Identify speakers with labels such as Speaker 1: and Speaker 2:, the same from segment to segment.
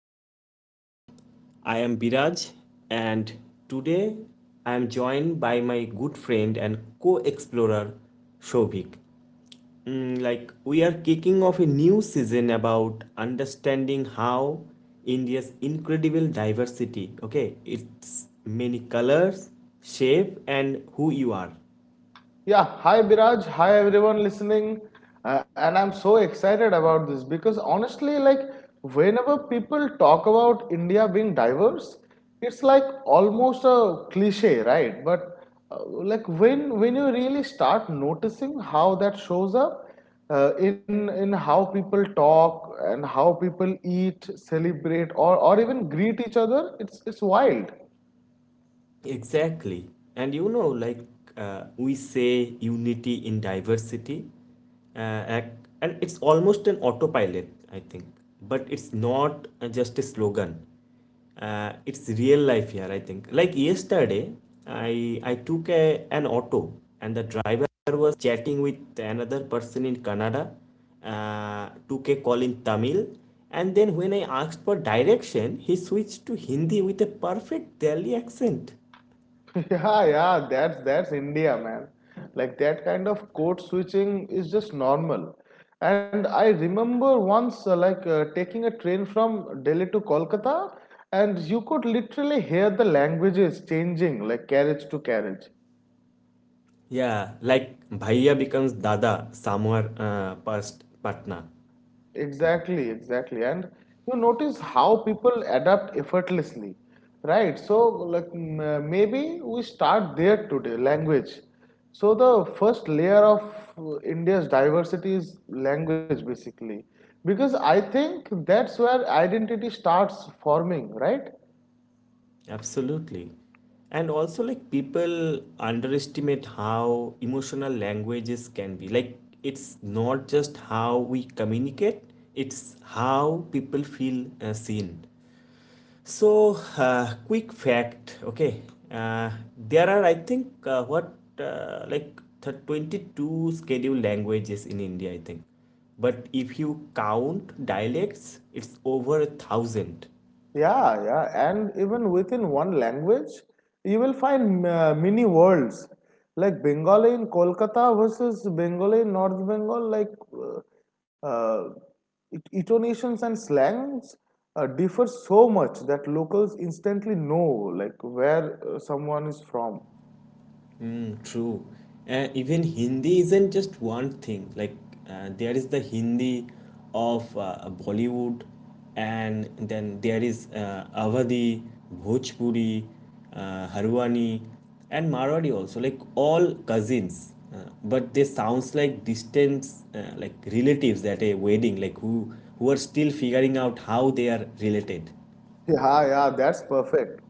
Speaker 1: of India. I am Biraj and today I am joined by my good friend and co explorer Shobhik. We are kicking off a new season about understanding how India's incredible diversity, okay, its many colors, shape, and who you are.
Speaker 2: Yeah, hi Biraj, hi everyone listening. And I'm so excited about this because honestly, like, whenever people talk about India being diverse, it's like almost a cliche, right? But like when you really start noticing how that shows up, in how people talk and how people eat, celebrate, or even greet each other, it's wild.
Speaker 1: Exactly. And you know, like we say unity in diversity, uh, ac- and it's almost an autopilot, I think. But it's not just a slogan. It's real life here, I think. Like yesterday, I took an auto, and the driver was chatting with another person in Canada, took a call in Tamil, and then when I asked for direction, he switched to Hindi with a perfect Delhi accent.
Speaker 2: Yeah, yeah, that's India, man. Like that kind of code switching is just normal. And I remember once, like taking a train from Delhi to Kolkata, and you could literally hear the languages changing, like carriage to carriage.
Speaker 1: Yeah, like Bhaiya becomes Dada somewhere past Patna.
Speaker 2: Exactly, exactly. And you notice how people adapt effortlessly, right? So, like, maybe we start there today, language. So, the first layer of India's diversity is language, basically. Because I think that's where identity starts forming, right?
Speaker 1: Absolutely. And also, like, people underestimate how emotional languages can be. Like, it's not just how we communicate, it's how people feel seen. So, quick fact, okay. Uh, there are, I think, what, like th- 22 scheduled languages in India, I think. But if you count dialects, it's over 1,000.
Speaker 2: Yeah, yeah, and even within one language, you will find mini worlds like Bengali in Kolkata versus Bengali in North Bengal, like uh, uh, intonations and slangs differ so much that locals instantly know like where someone is from.
Speaker 1: Mm, true. And even Hindi isn't just one thing. Like there is the Hindi of Bollywood, and then there is Awadhi, Bhojpuri, Harwani, and Marwari also. Like all cousins, but they sounds like distant, like relatives at a wedding. Like who are still figuring out how they are related.
Speaker 2: Yeah, yeah, that's perfect.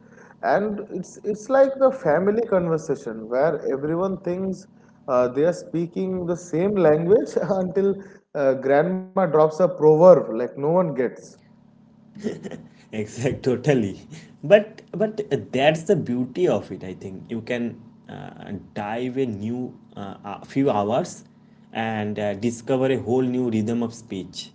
Speaker 2: And it's like the family conversation where everyone thinks they are speaking the same language until grandma drops a proverb like no one gets.
Speaker 1: Exact, totally. But that's the beauty of it. I think you can dive a new a few hours and discover a whole new rhythm of speech.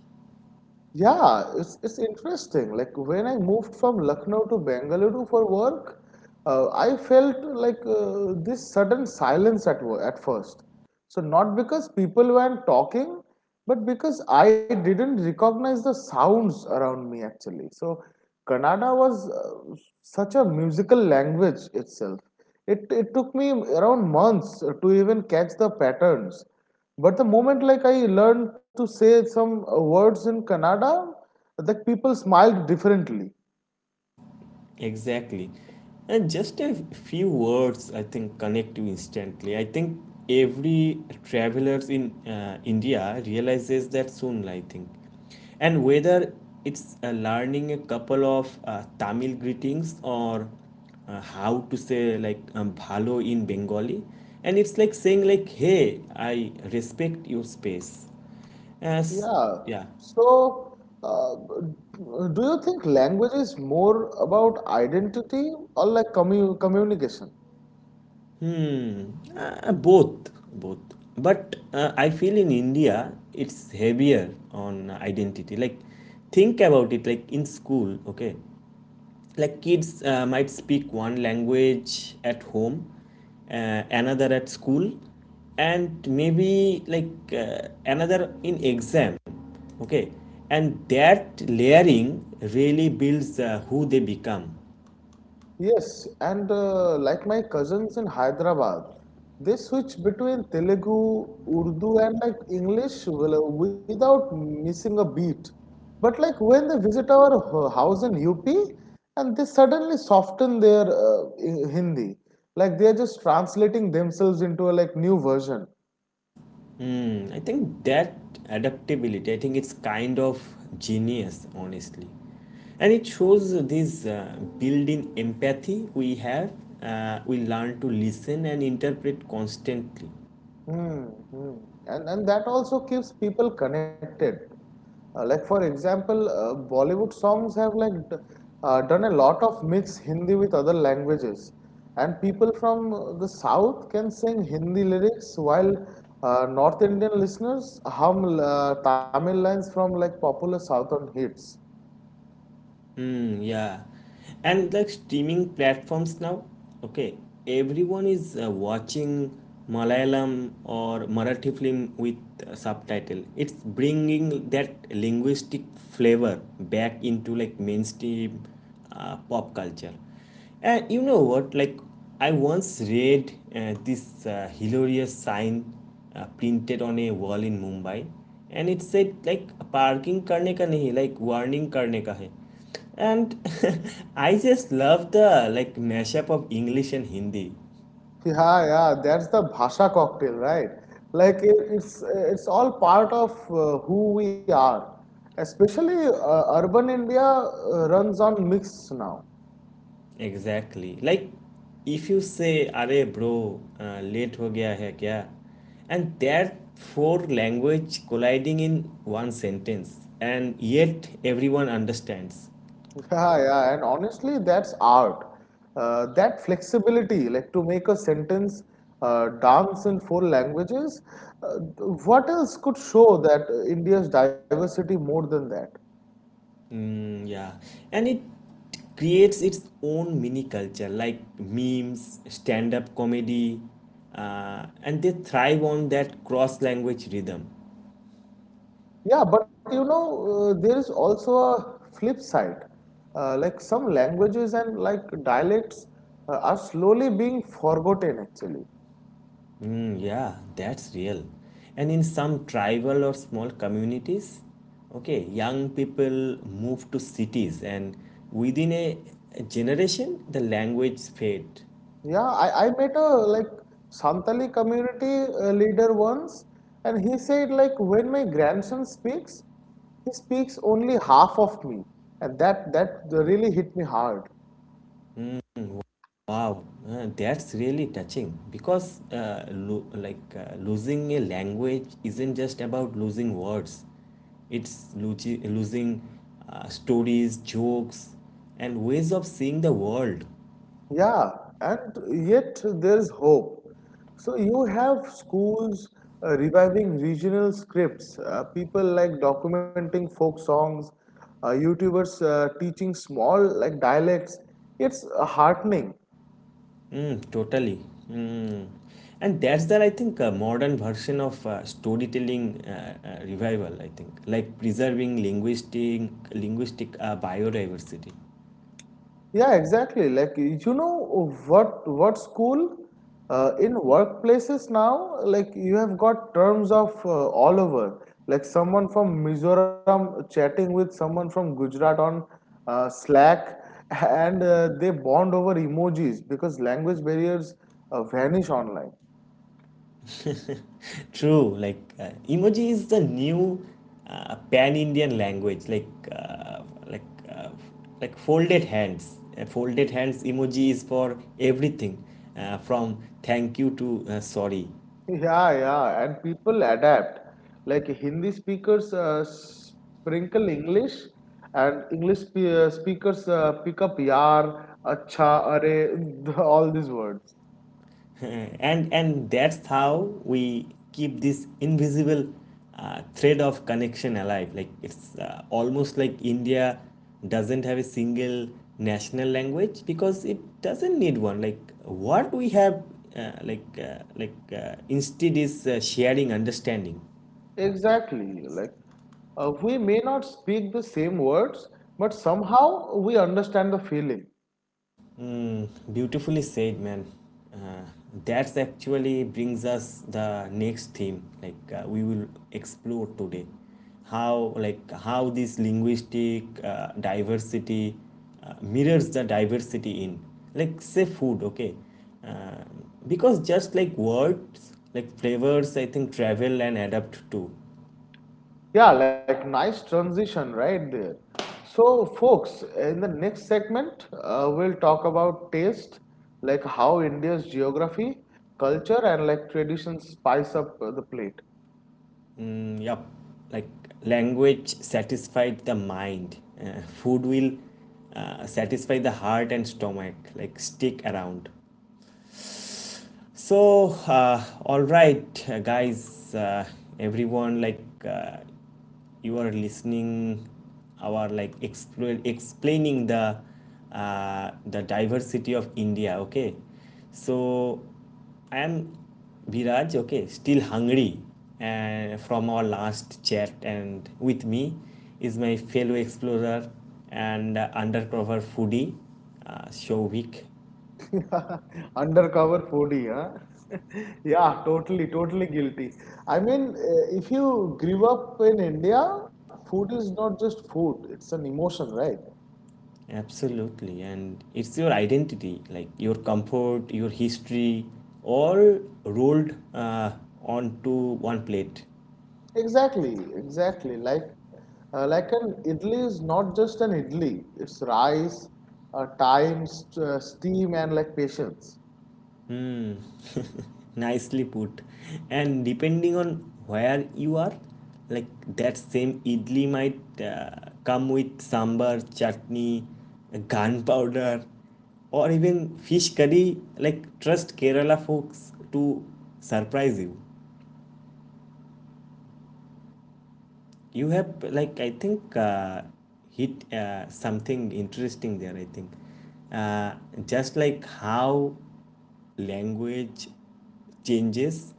Speaker 2: Yeah, it's interesting. Like when I moved from Lucknow to Bengaluru for work, I felt like this sudden silence at first. So not because people weren't talking, but because I didn't recognize the sounds around me actually. So Kannada was such a musical language itself. It took me around months to even catch the patterns. But the moment like I learned to say some words in Kannada, that people smiled differently.
Speaker 1: Exactly. And just a few words, I think, connect you instantly. I think every travelers in India realizes that soon, I think. And whether it's learning a couple of Tamil greetings or how to say like bhalo in Bengali, and it's like saying like, hey, I respect your space. As
Speaker 2: Yeah.
Speaker 1: yeah.
Speaker 2: So, uh, do you think language is more about identity or like communication?
Speaker 1: Hmm, both, both. But I feel in India it's heavier on identity. Like, think about it. Like in school, okay, like kids might speak one language at home, another at school, and maybe like another in exam. Okay, and that layering really builds who they become.
Speaker 2: Yes, and like my cousins in Hyderabad, they switch between Telugu, Urdu, and like English without missing a beat. But like when they visit our house in UP, and they suddenly soften their Hindi, like they are just translating themselves into a like new version.
Speaker 1: Hmm, I think that adaptability, I think it's kind of genius, honestly. And it shows this built in empathy we have. We learn to listen and interpret constantly.
Speaker 2: Hmm. Mm. And that also keeps people connected. Like for example, Bollywood songs have like done a lot of mix Hindi with other languages, and people from the south can sing Hindi lyrics while North Indian listeners hum Tamil lines from like popular southern hits.
Speaker 1: Hmm, yeah. And like streaming platforms now, okay, everyone is watching Malayalam or Marathi film with subtitle. It's bringing that linguistic flavor back into like mainstream pop culture. And you know what? Like, I once read this hilarious sign printed on a wall in Mumbai, and it said like parking करने का नहीं like warning करने का है and I just love the like mashup of English and Hindi.
Speaker 2: Yeah, yeah, that's the Bhasha cocktail, right? Like it's all part of who we are. Especially urban India runs on mix now.
Speaker 1: Exactly, like if you say "Arey bro, late ho gaya hai kya," and that four language colliding in one sentence, and yet everyone understands.
Speaker 2: Yeah, yeah, and honestly, that's art. That flexibility, like to make a sentence dance in four languages, uh, what else could show that India's diversity more than that?
Speaker 1: Mm, yeah, and it creates its own mini culture, like memes, stand-up comedy, and they thrive on that cross language rhythm.
Speaker 2: Yeah, but there is also a flip side. Like some languages and like dialects are slowly being forgotten actually.
Speaker 1: Mm, yeah, that's real. And in some tribal or small communities, okay, young people move to cities, and within a generation, the language fade.
Speaker 2: Yeah, I met a like Santali community leader once, and he said like when my grandson speaks, he speaks only half of me, and that really hit me hard.
Speaker 1: Wow, that's really touching because like losing a language isn't just about losing words. It's losing stories, jokes, and ways of seeing the world.
Speaker 2: Yeah, and yet there's hope. So you have schools reviving regional scripts, people like documenting folk songs, YouTubers teaching small like dialects. It's heartening.
Speaker 1: Mm, totally. Mm. And that's that I think a modern version of storytelling revival. I think like preserving linguistic biodiversity.
Speaker 2: Yeah, exactly. Like you know what school in workplaces now, like you have got terms of all over. Like someone from Mizoram chatting with someone from Gujarat on Slack, and they bond over emojis because language barriers vanish online.
Speaker 1: True. Like emoji is the new pan-Indian language. Uh, like folded hands. Folded hands emoji is for everything, from thank you to sorry.
Speaker 2: Yeah, yeah, and people adapt. Like Hindi speakers sprinkle English, and English speakers pick up yaar, acha, are, all these words.
Speaker 1: And that's how we keep this invisible thread of connection alive. Like it's almost like India doesn't have a single national language because it doesn't need one. Like what we have, instead is sharing understanding.
Speaker 2: Exactly. Like we may not speak the same words, but somehow we understand the feeling.
Speaker 1: Mm, beautifully said, man. Uh, that actually brings us the next theme, like we will explore today, how like how this linguistic diversity mirrors the diversity in, like say food, okay, Um because just like words, like flavors, I think travel and adapt too.
Speaker 2: Yeah, like nice transition right there. So, folks, in the next segment, we'll talk about taste, like how India's geography, culture, and like traditions spice up the plate.
Speaker 1: Mm, yep. Like language satisfied the mind. Food will satisfy the heart and stomach. Like stick around. So, all right, guys, everyone, like uh, you are listening our like explaining the diversity of India. Okay, so I am Biraj. Okay, still hungry and from our last chat, and with me is my fellow explorer and undercover foodie Shovik.
Speaker 2: Undercover foodie, huh? Yeah, totally, totally guilty. I mean, if you grew up in India, food is not just food, it's an emotion, right?
Speaker 1: Absolutely. And it's your identity, like your comfort, your history, all rolled onto one plate.
Speaker 2: Exactly, exactly. Like an idli is not just an idli. It's rice, time, steam, and like patience.
Speaker 1: Hmm. Nicely put. And depending on where you are, like that same idli might come with sambar, chutney, gunpowder, or even fish curry. Like, trust Kerala folks to surprise you. You have like I think hit something interesting there. I think uh, just like how language changes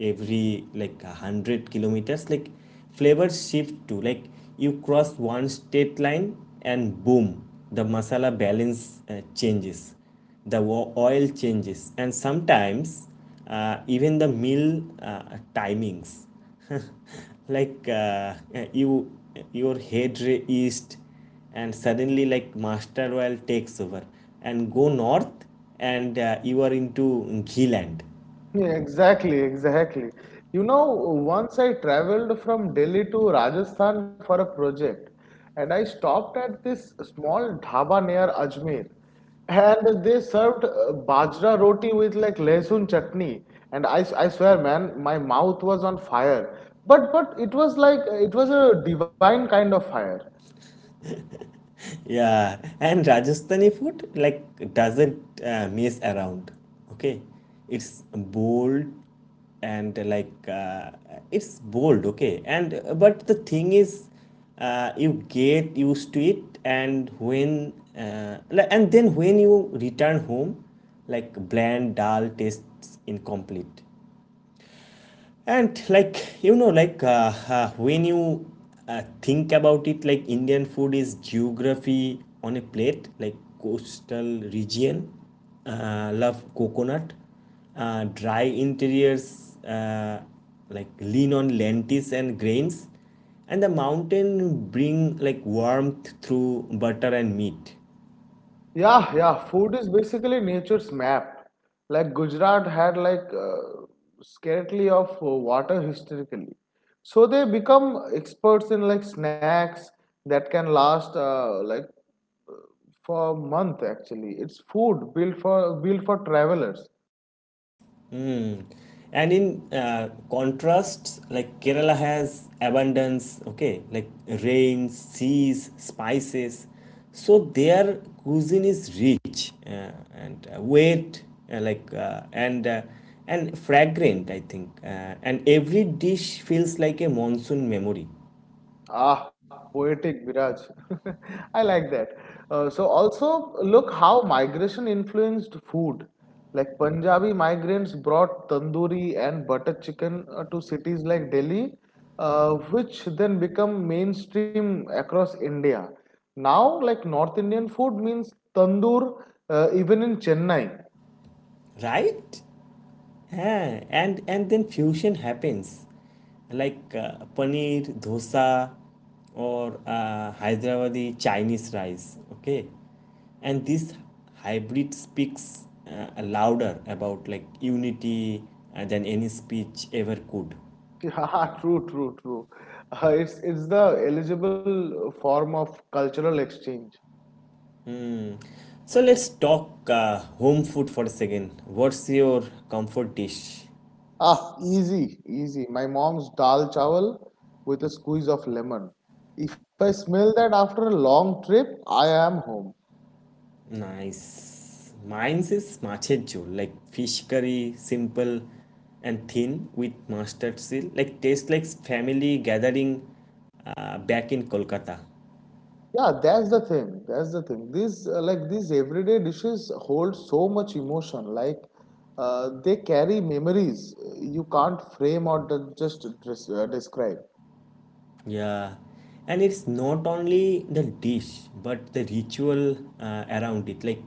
Speaker 1: every like 100 kilometers, like flavors shift too. Like you cross one state line and boom, the masala balance changes, the oil changes, and sometimes even the meal timings. Like you, your head east, and suddenly like master oil takes over, and go north, and you are into ghee land.
Speaker 2: Yeah, exactly, exactly. Once I traveled from Delhi to Rajasthan for a project, and I stopped at this small dhaba near Ajmer, and they served bajra roti with like lesun chutney, and I swear, man, my mouth was on fire. But but it was a divine kind of fire.
Speaker 1: Yeah, and Rajasthani food like doesn't mess around. Okay, it's bold and it's bold. Okay, and but the thing is, you get used to it, and then when you return home, like bland dal tastes incomplete. And like you know, like when you think about it, like indian food is geography on a plate. Like coastal region love coconut, dry interiors like lean on lentils and grains, and the mountain bring like warmth through butter and meat.
Speaker 2: Yeah, yeah. Food is basically nature's map. Like Gujarat had like scarcity of water historically, so they become experts in like snacks that can last like for a month. Actually, it's food built for travelers.
Speaker 1: Mm. And in contrast, like Kerala has abundance, okay, like rains, seas, spices. So their cuisine is rich and weight, uh, like uh, and uh, and fragrant, I think. And every dish feels like a monsoon memory,
Speaker 2: Ah, poetic, Viraj. I like that. So also look how migration influenced food. Like Punjabi migrants brought tandoori and butter chicken to cities like Delhi, which then become mainstream across India. Now, like North Indian food means tandoor even in Chennai.
Speaker 1: right? Yeah, and then fusion happens, like paneer dosa, or Hyderabadi Chinese rice. Okay, and this hybrid speaks louder about like unity than any speech ever could.
Speaker 2: Yeah, true, true, true. It's the eligible form of cultural exchange.
Speaker 1: So let's talk home food for a second. What's your comfort dish?
Speaker 2: Ah, easy, easy. My mom's dal chawal with a squeeze of lemon. If I smell that after a long trip, I am home.
Speaker 1: Nice. Mine's is machecho, like fish curry, simple and thin with mustard seal. Like tastes like family gathering back in Kolkata.
Speaker 2: Yeah, that's the thing. That's the thing. These everyday dishes hold so much emotion. Like they carry memories you can't frame or just describe.
Speaker 1: Yeah. And it's not only the dish, but the ritual around it. Like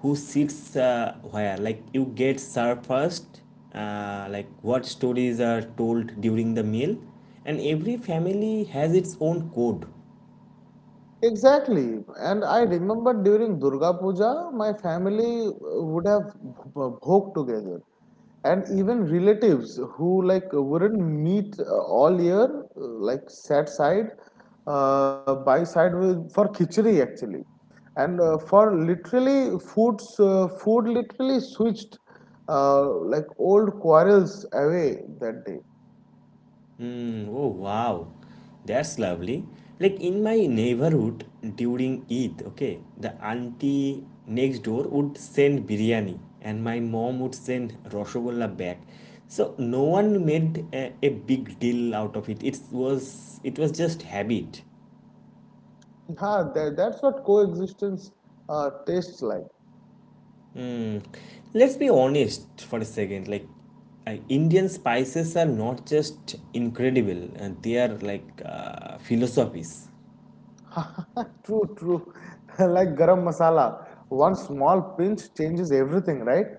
Speaker 1: who sits where. Like you get served first, like what stories are told during the meal. And every family has its own code.
Speaker 2: Exactly. And I remember during Durga Puja, my family would have bhog together. And even relatives who like wouldn't meet all year, like sat side by side with for khichdi actually. And for literally food literally switched uh, like old quarrels away that day.
Speaker 1: Hmm. Oh wow, that's lovely. Like in my neighborhood during Eid, okay, the auntie next door would send biryani and my mom would send rasgulla back. So no one made a big deal out of it. It was just habit.
Speaker 2: Yeah, that's what coexistence tastes like.
Speaker 1: Hmm. Let's be honest for a second. Like, Indian spices are not just incredible, and they are like philosophies.
Speaker 2: True, true. Like garam masala, one small pinch changes everything, right?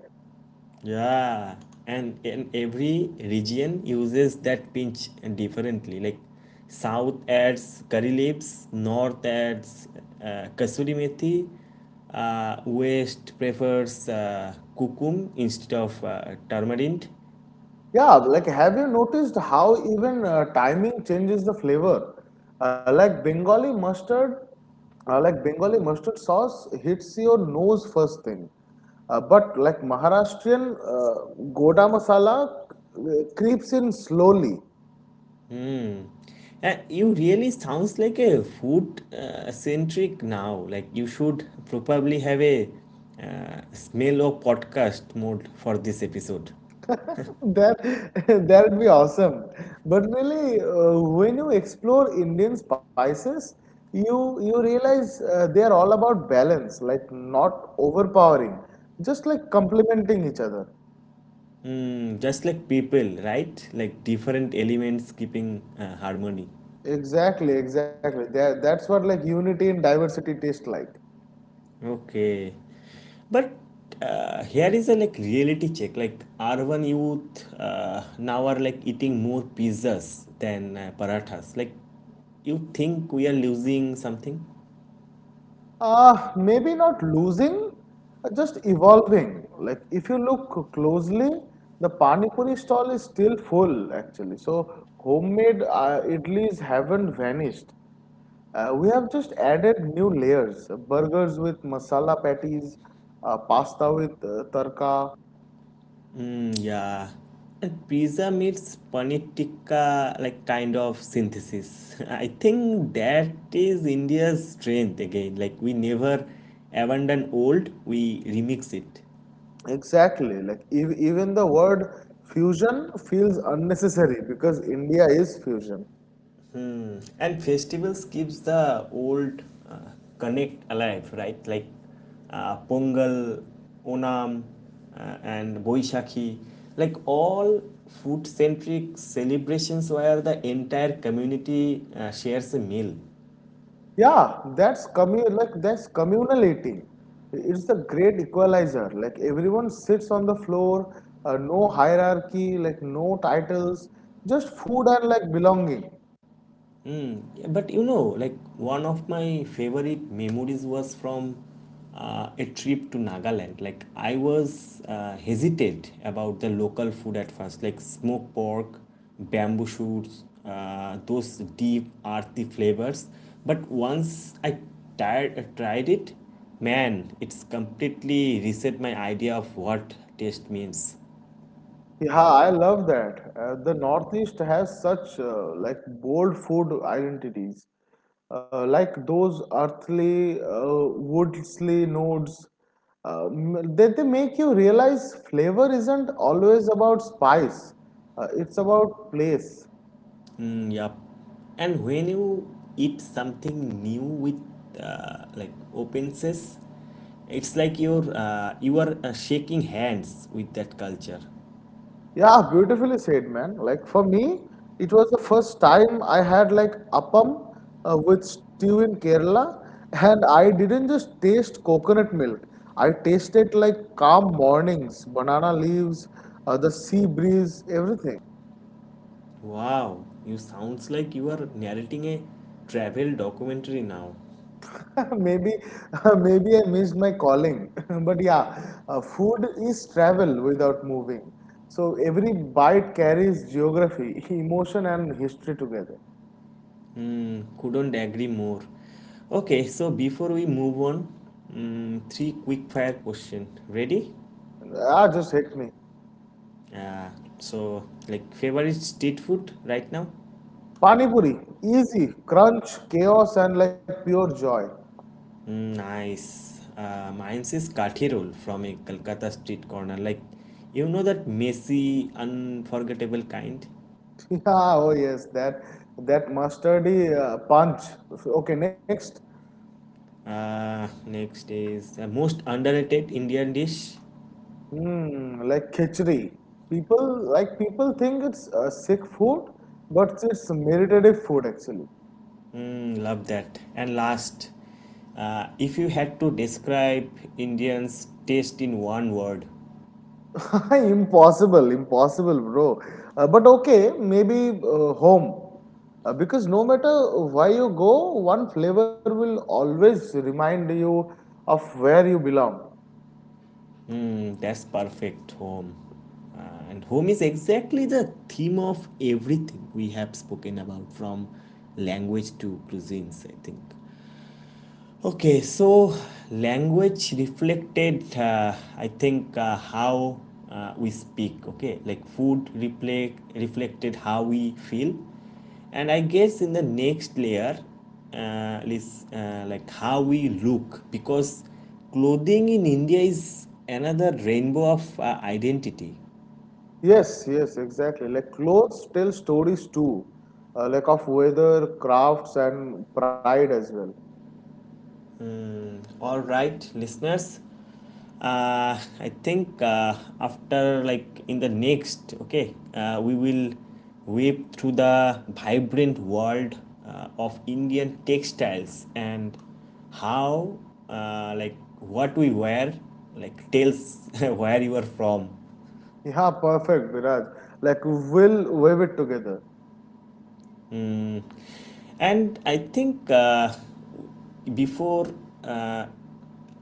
Speaker 1: Yeah, and every region uses that pinch differently. Like South adds curry leaves, North adds kasuri methi, West prefers cucum instead of tamarind.
Speaker 2: Yeah, like have you noticed how even timing changes the flavor? Uh, like Bengali mustard, like Bengali mustard sauce hits your nose first thing, but like Maharashtrian goda masala creeps in slowly.
Speaker 1: Hmm. And you really sounds like a food centric now. Like you should probably have a smell of podcast mode for this episode.
Speaker 2: That. That would be awesome. But really, when you explore Indian spices, you realize they are all about balance, like not overpowering, just like complementing each other.
Speaker 1: Mm, just like people, right? Like different elements keeping harmony.
Speaker 2: Exactly, exactly. That's what like unity and diversity taste like.
Speaker 1: Okay. But here is a like reality check. Like urban youth now are like eating more pizzas than parathas. Like you think we are losing something?
Speaker 2: Maybe not losing, just evolving. Like if you look closely, the Pani Puri stall is still full actually. So homemade idlis haven't vanished. We have just added new layers, burgers with masala patties, pasta with tarka.
Speaker 1: Mm, yeah. And pizza meets paneer tikka, like kind of synthesis. I think that is India's strength again. Like we never abandon old, we remix it.
Speaker 2: Exactly. Like ev even the word fusion feels unnecessary because India is fusion.
Speaker 1: And festivals keeps the old uh, connect alive, right? Like Pongal, Onam, and Boishakhi. Like all food centric celebrations where the entire community shares a meal.
Speaker 2: Yeah, that's communal eating. It's the great equalizer. Like everyone sits on the floor, no hierarchy, like no titles, just food and like belonging.
Speaker 1: Mm, yeah, but you know, like one of my favorite memories was from a trip to Nagaland. Like I was hesitant about the local food at first, like smoked pork, bamboo shoots, those deep earthy flavors. But once I tried it, man, it's completely reset my idea of what taste means.
Speaker 2: Yeah, I love that. The Northeast has such like bold food identities, like those earthly, woodly notes. They make you realize flavor isn't always about spice. It's about place.
Speaker 1: Mm, yep. And when you eat something new with like open says, it's like you are shaking hands with that culture.
Speaker 2: Yeah, beautifully said, man. Like for me, it was the first time I had like appam with stew in Kerala, and I didn't just taste coconut milk. I tasted like calm mornings, banana leaves, the sea breeze, everything.
Speaker 1: Wow, you sounds like you are narrating a travel documentary now.
Speaker 2: Maybe, maybe I missed my calling, but yeah, food is travel without moving. So every bite carries geography, emotion, and history together.
Speaker 1: Mm, couldn't agree more. Okay, so before we move on, mm, three quick fire question. Ready?
Speaker 2: Ah, just hit me.
Speaker 1: Uh, so like favorite street food right now?
Speaker 2: Panipuri, easy, crunch, chaos, and like pure joy.
Speaker 1: Mm, nice. Mine is Kathi roll from a Kolkata street corner. Like, that messy, unforgettable kind.
Speaker 2: Yeah, oh yes, that mustardy punch. Okay, next,
Speaker 1: Next is the most underrated Indian dish.
Speaker 2: like khichdi. People people think it's sick food, but it's meditative food actually.
Speaker 1: Mm, love that. And last, if you had to describe Indians' taste in one word.
Speaker 2: Impossible, impossible, bro. But okay, maybe home. Because no matter where you go, one flavor will always remind you of where you belong.
Speaker 1: Hmm, that's perfect, home. Uh, and home is exactly the theme of everything we have spoken about, from language to cuisines, I think. Okay, so language reflected, I think, how we speak. Okay, like food reflected how we feel, and I guess in the next layer, is like how we look because clothing in India is another rainbow of identity.
Speaker 2: Yes, yes, exactly. Like clothes tell stories too, like of weather, crafts, and pride as well.
Speaker 1: Mm, all right, listeners. I think after like in the next, okay, we will weave through the vibrant world of Indian textiles and how, like, what we wear, like, tells where you are from.
Speaker 2: Yeah, perfect, Viraj. Like we'll weave it together.
Speaker 1: Mm, and I think before uh,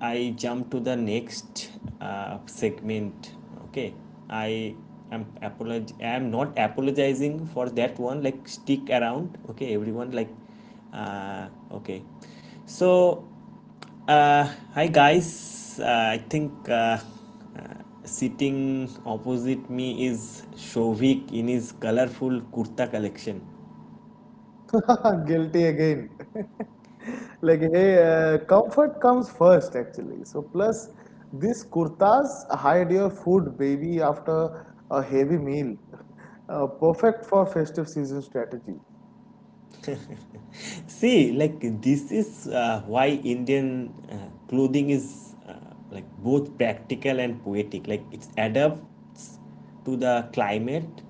Speaker 1: I jump to the next segment, okay, I I am not apologizing for that one. Like stick around, okay, everyone. Like, uh, okay, so uh, hi guys. I think uh, sitting opposite me is Shovik in his colorful kurta collection.
Speaker 2: Guilty again. Like hey, comfort comes first actually. So plus these kurtas hide your food baby after a heavy meal. Perfect for festive season strategy.
Speaker 1: See, like this is why Indian clothing is like both practical and poetic. Like it adapts to the climate,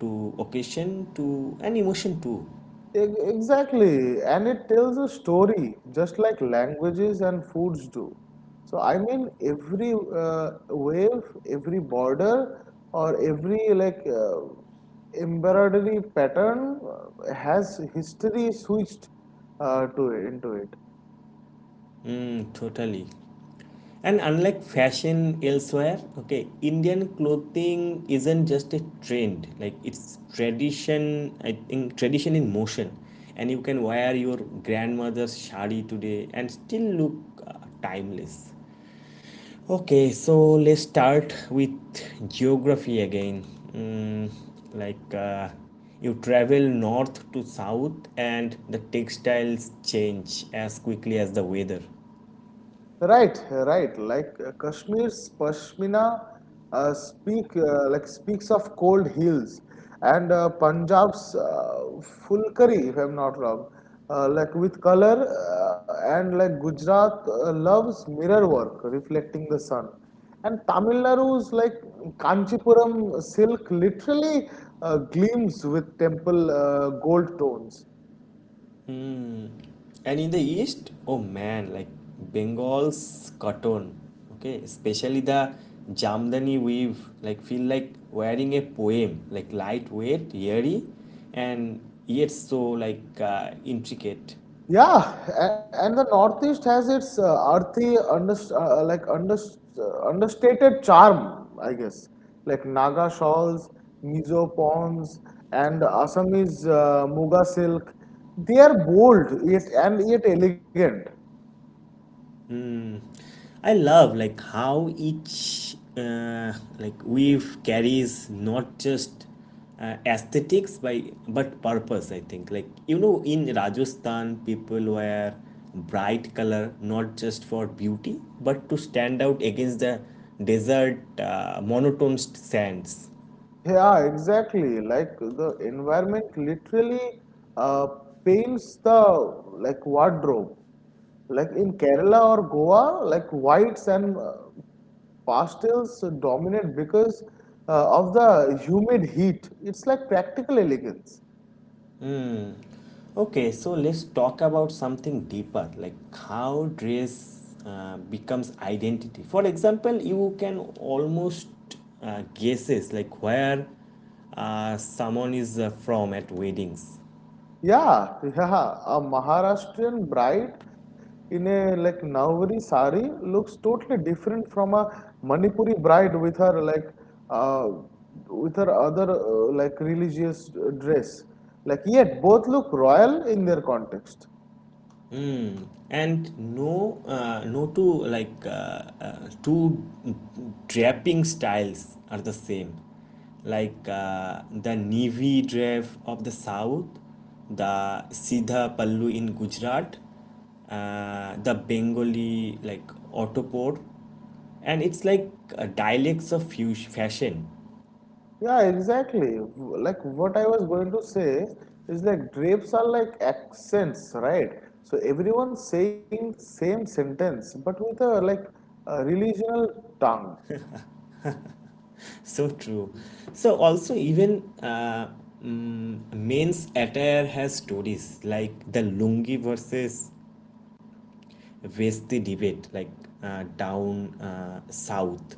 Speaker 1: to occasion, to an emotion too.
Speaker 2: Exactly, and it tells a story just like languages and foods do. So, I mean, every wave, every border, or every like embroidery pattern has history switched into it.
Speaker 1: Mm, totally. And unlike fashion elsewhere, okay, Indian clothing isn't just a trend. Like it's tradition. I think tradition in motion, and you can wear your grandmother's shari today and still look timeless. Okay, so let's start with geography again. Mm, like you travel north to south, and the textiles change as quickly as the weather.
Speaker 2: Right, right. Like Kashmir's Pashmina speak like speaks of cold hills, and Punjab's Fulkari, if I'm not wrong, like with color, and like Gujarat loves mirror work, reflecting the sun, and Tamil Nadu's like Kanchipuram silk literally gleams with temple gold tones.
Speaker 1: Mm, and in the east, oh man, like Bengal's cotton, okay, especially the Jamdani weave, like feel like wearing a poem, like lightweight, airy, and yet so like intricate.
Speaker 2: Yeah, and the Northeast has its earthy, understated charm, I guess. Like Naga shawls, Mizo ponds, and Assamese Muga silk. They are bold yet elegant.
Speaker 1: I love like how each like weave carries not just aesthetics by but purpose. I think like you know in Rajasthan people wear bright color not just for beauty but to stand out against the desert monotone sands.
Speaker 2: Yeah, exactly. Like the environment literally uh, paints the like wardrobe. Like in Kerala or Goa, like whites and pastels dominate because of the humid heat. It's like practical elegance.
Speaker 1: Okay, so let's talk about something deeper, like how dress becomes identity. For example, you can almost guesses like where someone is from at weddings.
Speaker 2: Yeah, yeah. A Maharashtrian bride in a like Navari sari looks totally different from a Manipuri bride with her uh, other like religious dress. Like yet both look royal in their context.
Speaker 1: Mm. And no, no two two draping styles are the same. Like the navy drape of the south, the Sidha Pallu in Gujarat, the Bengali like Autopor, and it's like dialects of fashion.
Speaker 2: Yeah, exactly. Like what I was going to say is like drapes are like accents, right? So everyone's saying same sentence, but with a a religional tongue.
Speaker 1: So true. So also even mm, men's attire has stories like the lungi versus vesti debate, like down south,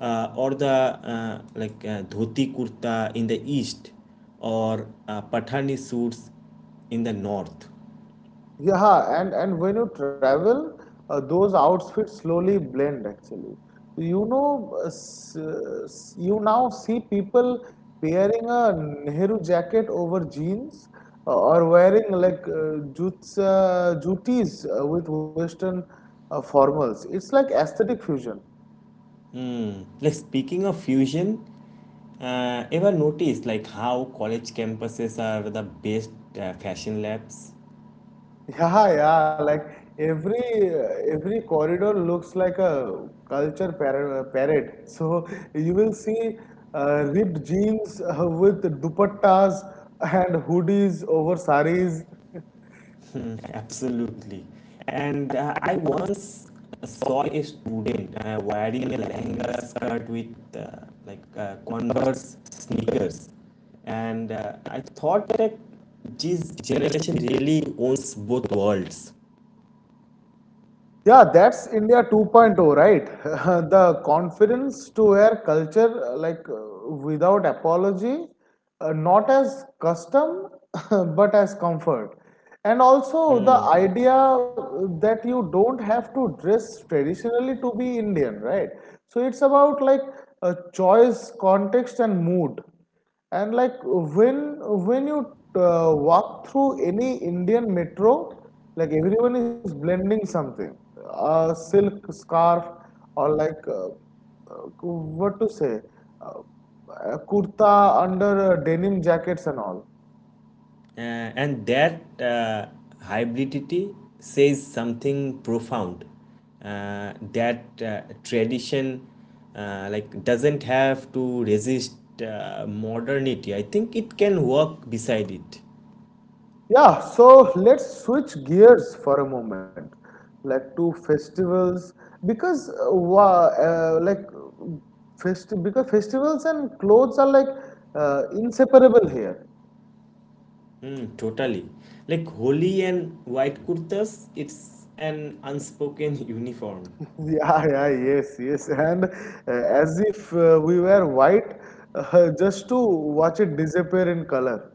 Speaker 1: or the like dhoti kurta in the east, or pathani suits in the north.
Speaker 2: Yeah, and when you travel, those outfits slowly blend actually. You know, you now see people pairing a Nehru jacket over jeans or wearing like jutis with Western formals. It's like aesthetic fusion.
Speaker 1: Hmm. Like speaking of fusion, ever noticed like how college campuses are the best fashion labs?
Speaker 2: Yeah, yeah, like every every corridor looks like a parade. So you will see ripped jeans with dupattas and hoodies over saris.
Speaker 1: Mm-hmm. Absolutely. And I once saw a student wearing a lehenga skirt with uh, like Converse sneakers, and I thought that this generation really owns both worlds.
Speaker 2: Yeah, that's India 2.0, right? The confidence to wear culture without apology, not as custom, but as comfort. And also the
Speaker 1: Hmm.
Speaker 2: idea that you don't have to dress traditionally to be Indian, right? So it's about like a choice, context, and mood. And like when you walk through any Indian metro, like everyone is blending something, a silk scarf or like uh, what to say, uh, a kurta under denim jackets and all.
Speaker 1: Uh, and that hybridity says something profound that tradition like doesn't have to resist modernity. I think it can walk beside it.
Speaker 2: Yeah, so let's switch gears for a moment, like to festivals because because festivals and clothes are like inseparable here.
Speaker 1: Hmm, totally, like holy and white kurtas, it's an unspoken uniform.
Speaker 2: Yeah, yeah, yes, yes. And as if we were white just to watch it disappear in color.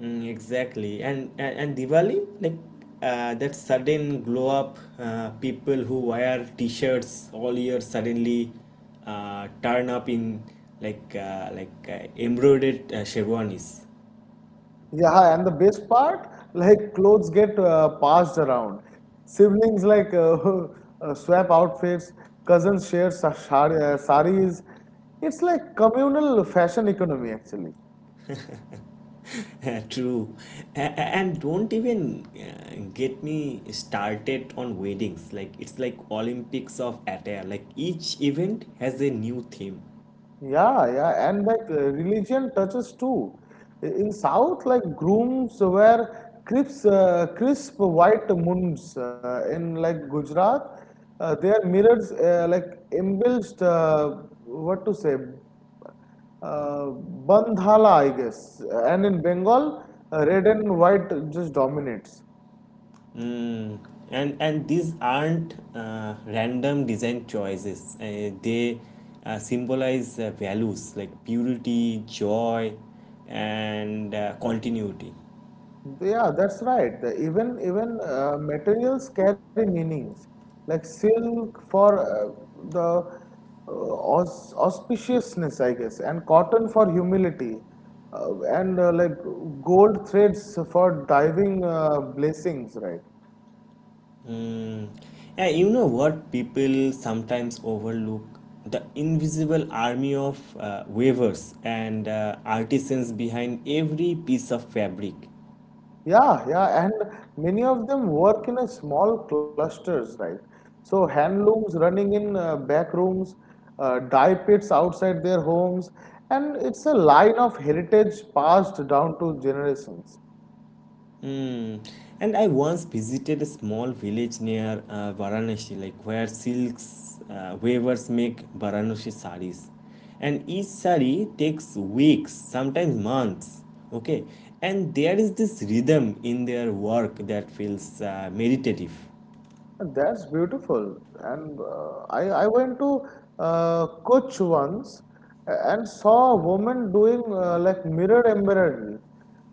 Speaker 1: Mm, exactly. And Diwali, like that sudden glow up, people who wear t-shirts all year suddenly turn up in embroidered sherwanis.
Speaker 2: Yeah, and the best part, like clothes get passed around. Siblings swap outfits, cousins share saris. It's like communal fashion economy, actually.
Speaker 1: True. And don't even get me started on weddings. Like it's like Olympics of attire. Like each event has a new theme.
Speaker 2: Yeah, yeah, and like religion touches too. In South, like grooms wear crisp white munds. In like Gujarat, their mirrors like embellished. What to say? Uh, Bandhala, I guess. And in Bengal, red and white just dominates.
Speaker 1: Mm, and these aren't random design choices. They symbolize values like purity, joy, and continuity.
Speaker 2: Yeah, that's right. Even materials carry meanings. Like silk for the uh, auspiciousness, I guess, and cotton for humility, and gold threads for diving blessings, right?
Speaker 1: Mm. Yeah, you know what people sometimes overlook? The invisible army of weavers and artisans behind every piece of fabric.
Speaker 2: Yeah, yeah, and many of them work in a small clusters, right? So handlooms running in back rooms, dye pits outside their homes, and it's a line of heritage passed down to generations.
Speaker 1: Hmm. And I once visited a small village near Varanasi, like where silks weavers make Varanasi saris, and each sari takes weeks, sometimes months. Okay, and there is this rhythm in their work that feels meditative.
Speaker 2: That's beautiful. And I went to Koch once and saw a woman doing like mirror embroidery.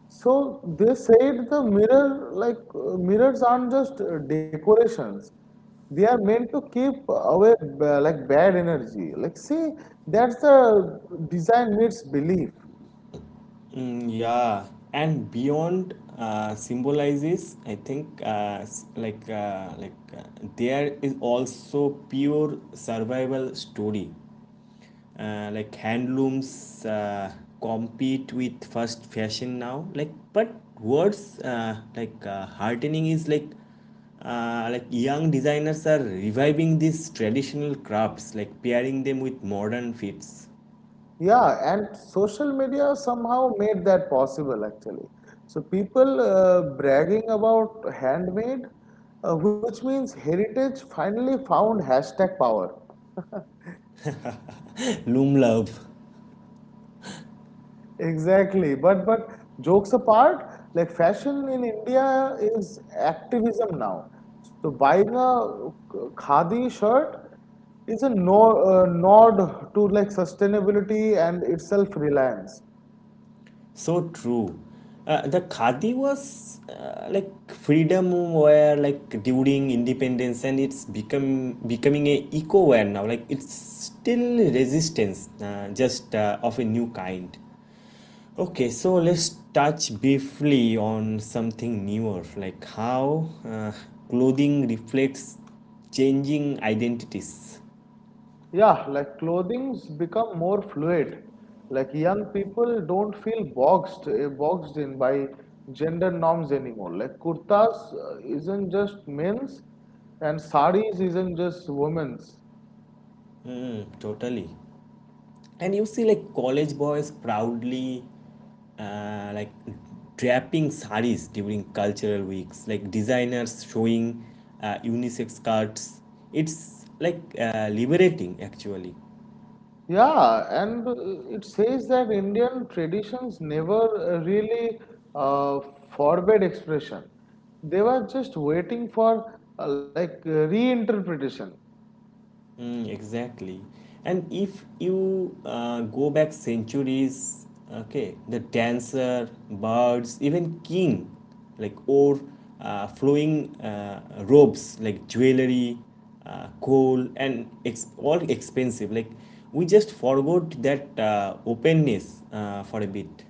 Speaker 2: So they said the mirrors aren't just decorations. They are meant to keep away like bad energy. Like see, that's the design meets belief.
Speaker 1: Mm, yeah, and beyond symbolizes, I think, there is also pure survival story. Like handlooms compete with first fashion now. Like, but words heartening is like young designers are reviving these traditional crafts, like pairing them with modern fits.
Speaker 2: Yeah, and social media somehow made that possible actually. So people bragging about handmade, which means heritage finally found hashtag power.
Speaker 1: Loom love.
Speaker 2: Exactly. But jokes apart, like fashion in India is activism now. So buying a khadi shirt is a no, nod to like sustainability and its self-reliance.
Speaker 1: So true. The khadi was like freedom where like during independence and it's become becoming a eco wear now, like it's still resistance just of a new kind. Okay, so let's touch briefly on something newer, like how clothing reflects changing identities.
Speaker 2: Yeah, like clothings become more fluid. Like young people don't feel boxed in by gender norms anymore. Like kurtas isn't just men's and saris isn't just women's.
Speaker 1: Mm, totally. And you see like college boys proudly like draping saris during cultural weeks, like designers showing unisex skirts. It's like liberating actually.
Speaker 2: Yeah, and it says that Indian traditions never really uh, forbade expression. They were just waiting for reinterpretation.
Speaker 1: Mm, exactly. And if you go back centuries, okay, the dancer, birds, even king, like or flowing robes, like jewelry, coal, and it's all expensive. Like we just forgot that openness for a bit.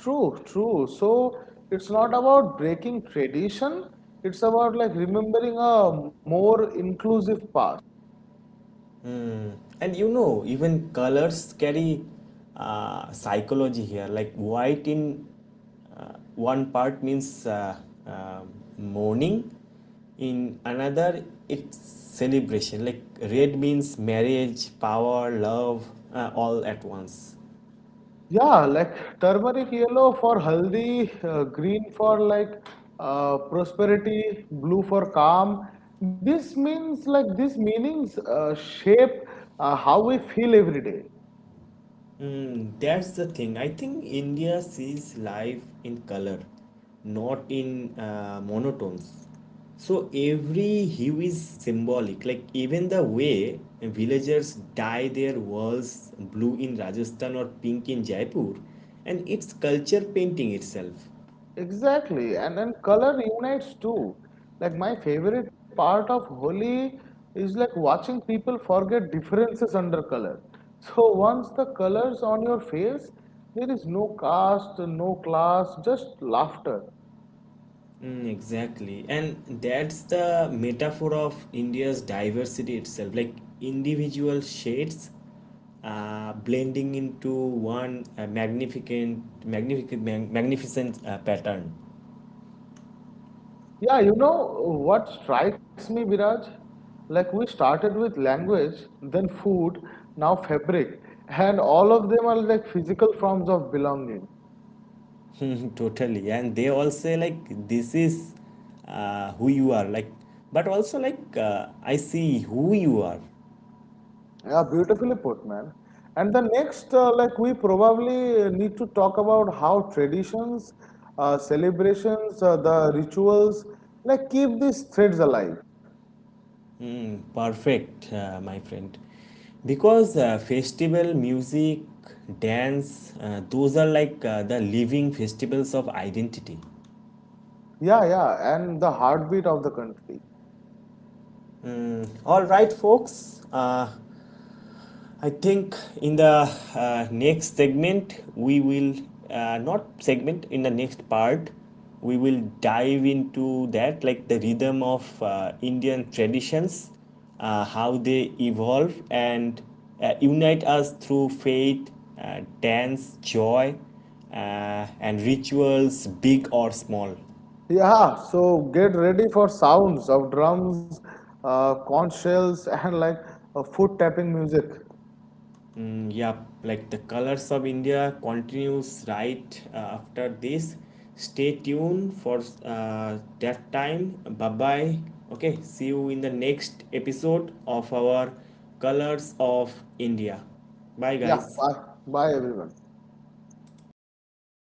Speaker 2: True, true. So it's not about breaking tradition, it's about like remembering a more inclusive past.
Speaker 1: And you know even colors carry psychology here, like white in one part means uh, mourning, in another it's celebration. Like red means marriage, power, love, all at once.
Speaker 2: Yeah, like turmeric yellow for haldi, green for like prosperity, blue for calm. This means like these meanings shape how we feel every day.
Speaker 1: Mm, that's the thing. I think India sees life in color, not in monotones. So every hue is symbolic. Like even the way villagers dye their walls blue in Rajasthan or pink in Jaipur, and it's culture painting itself.
Speaker 2: Exactly, and then color unites too. Like my favorite part of Holi is like watching people forget differences under color. So once the colors on your face, there is no caste, no class, just laughter.
Speaker 1: Mm, exactly. And that's the metaphor of India's diversity itself, like individual shades blending into one magnificent pattern.
Speaker 2: Yeah, you know what strikes me, Viraj? Like we started with language, then food, now fabric, and all of them are like physical forms of belonging.
Speaker 1: Totally. And they all say, like, this is who you are, like, but also, like, I see who you are.
Speaker 2: Yeah, beautifully put, man. And the next, like we probably need to talk about how traditions, celebrations, the rituals, like keep these threads alive.
Speaker 1: Perfect, my friend. Because festival, music, dance, those are like the living festivals of identity.
Speaker 2: Yeah, yeah, and the heartbeat of the country.
Speaker 1: All right, folks. I think in the next segment, we will not segment in the next part, we will dive into that, like the rhythm of Indian traditions, how they evolve and unite us through faith, dance, joy, and rituals, big or small.
Speaker 2: Yeah, so get ready for sounds of drums, conch shells, and like foot tapping music.
Speaker 1: Mm, yeah, like the colors of India continues right after this. Stay tuned for that time. Bye bye. Okay, see you in the next episode of our Colors of India. Bye,
Speaker 2: Yeah,
Speaker 1: guys.
Speaker 2: bye, bye everyone.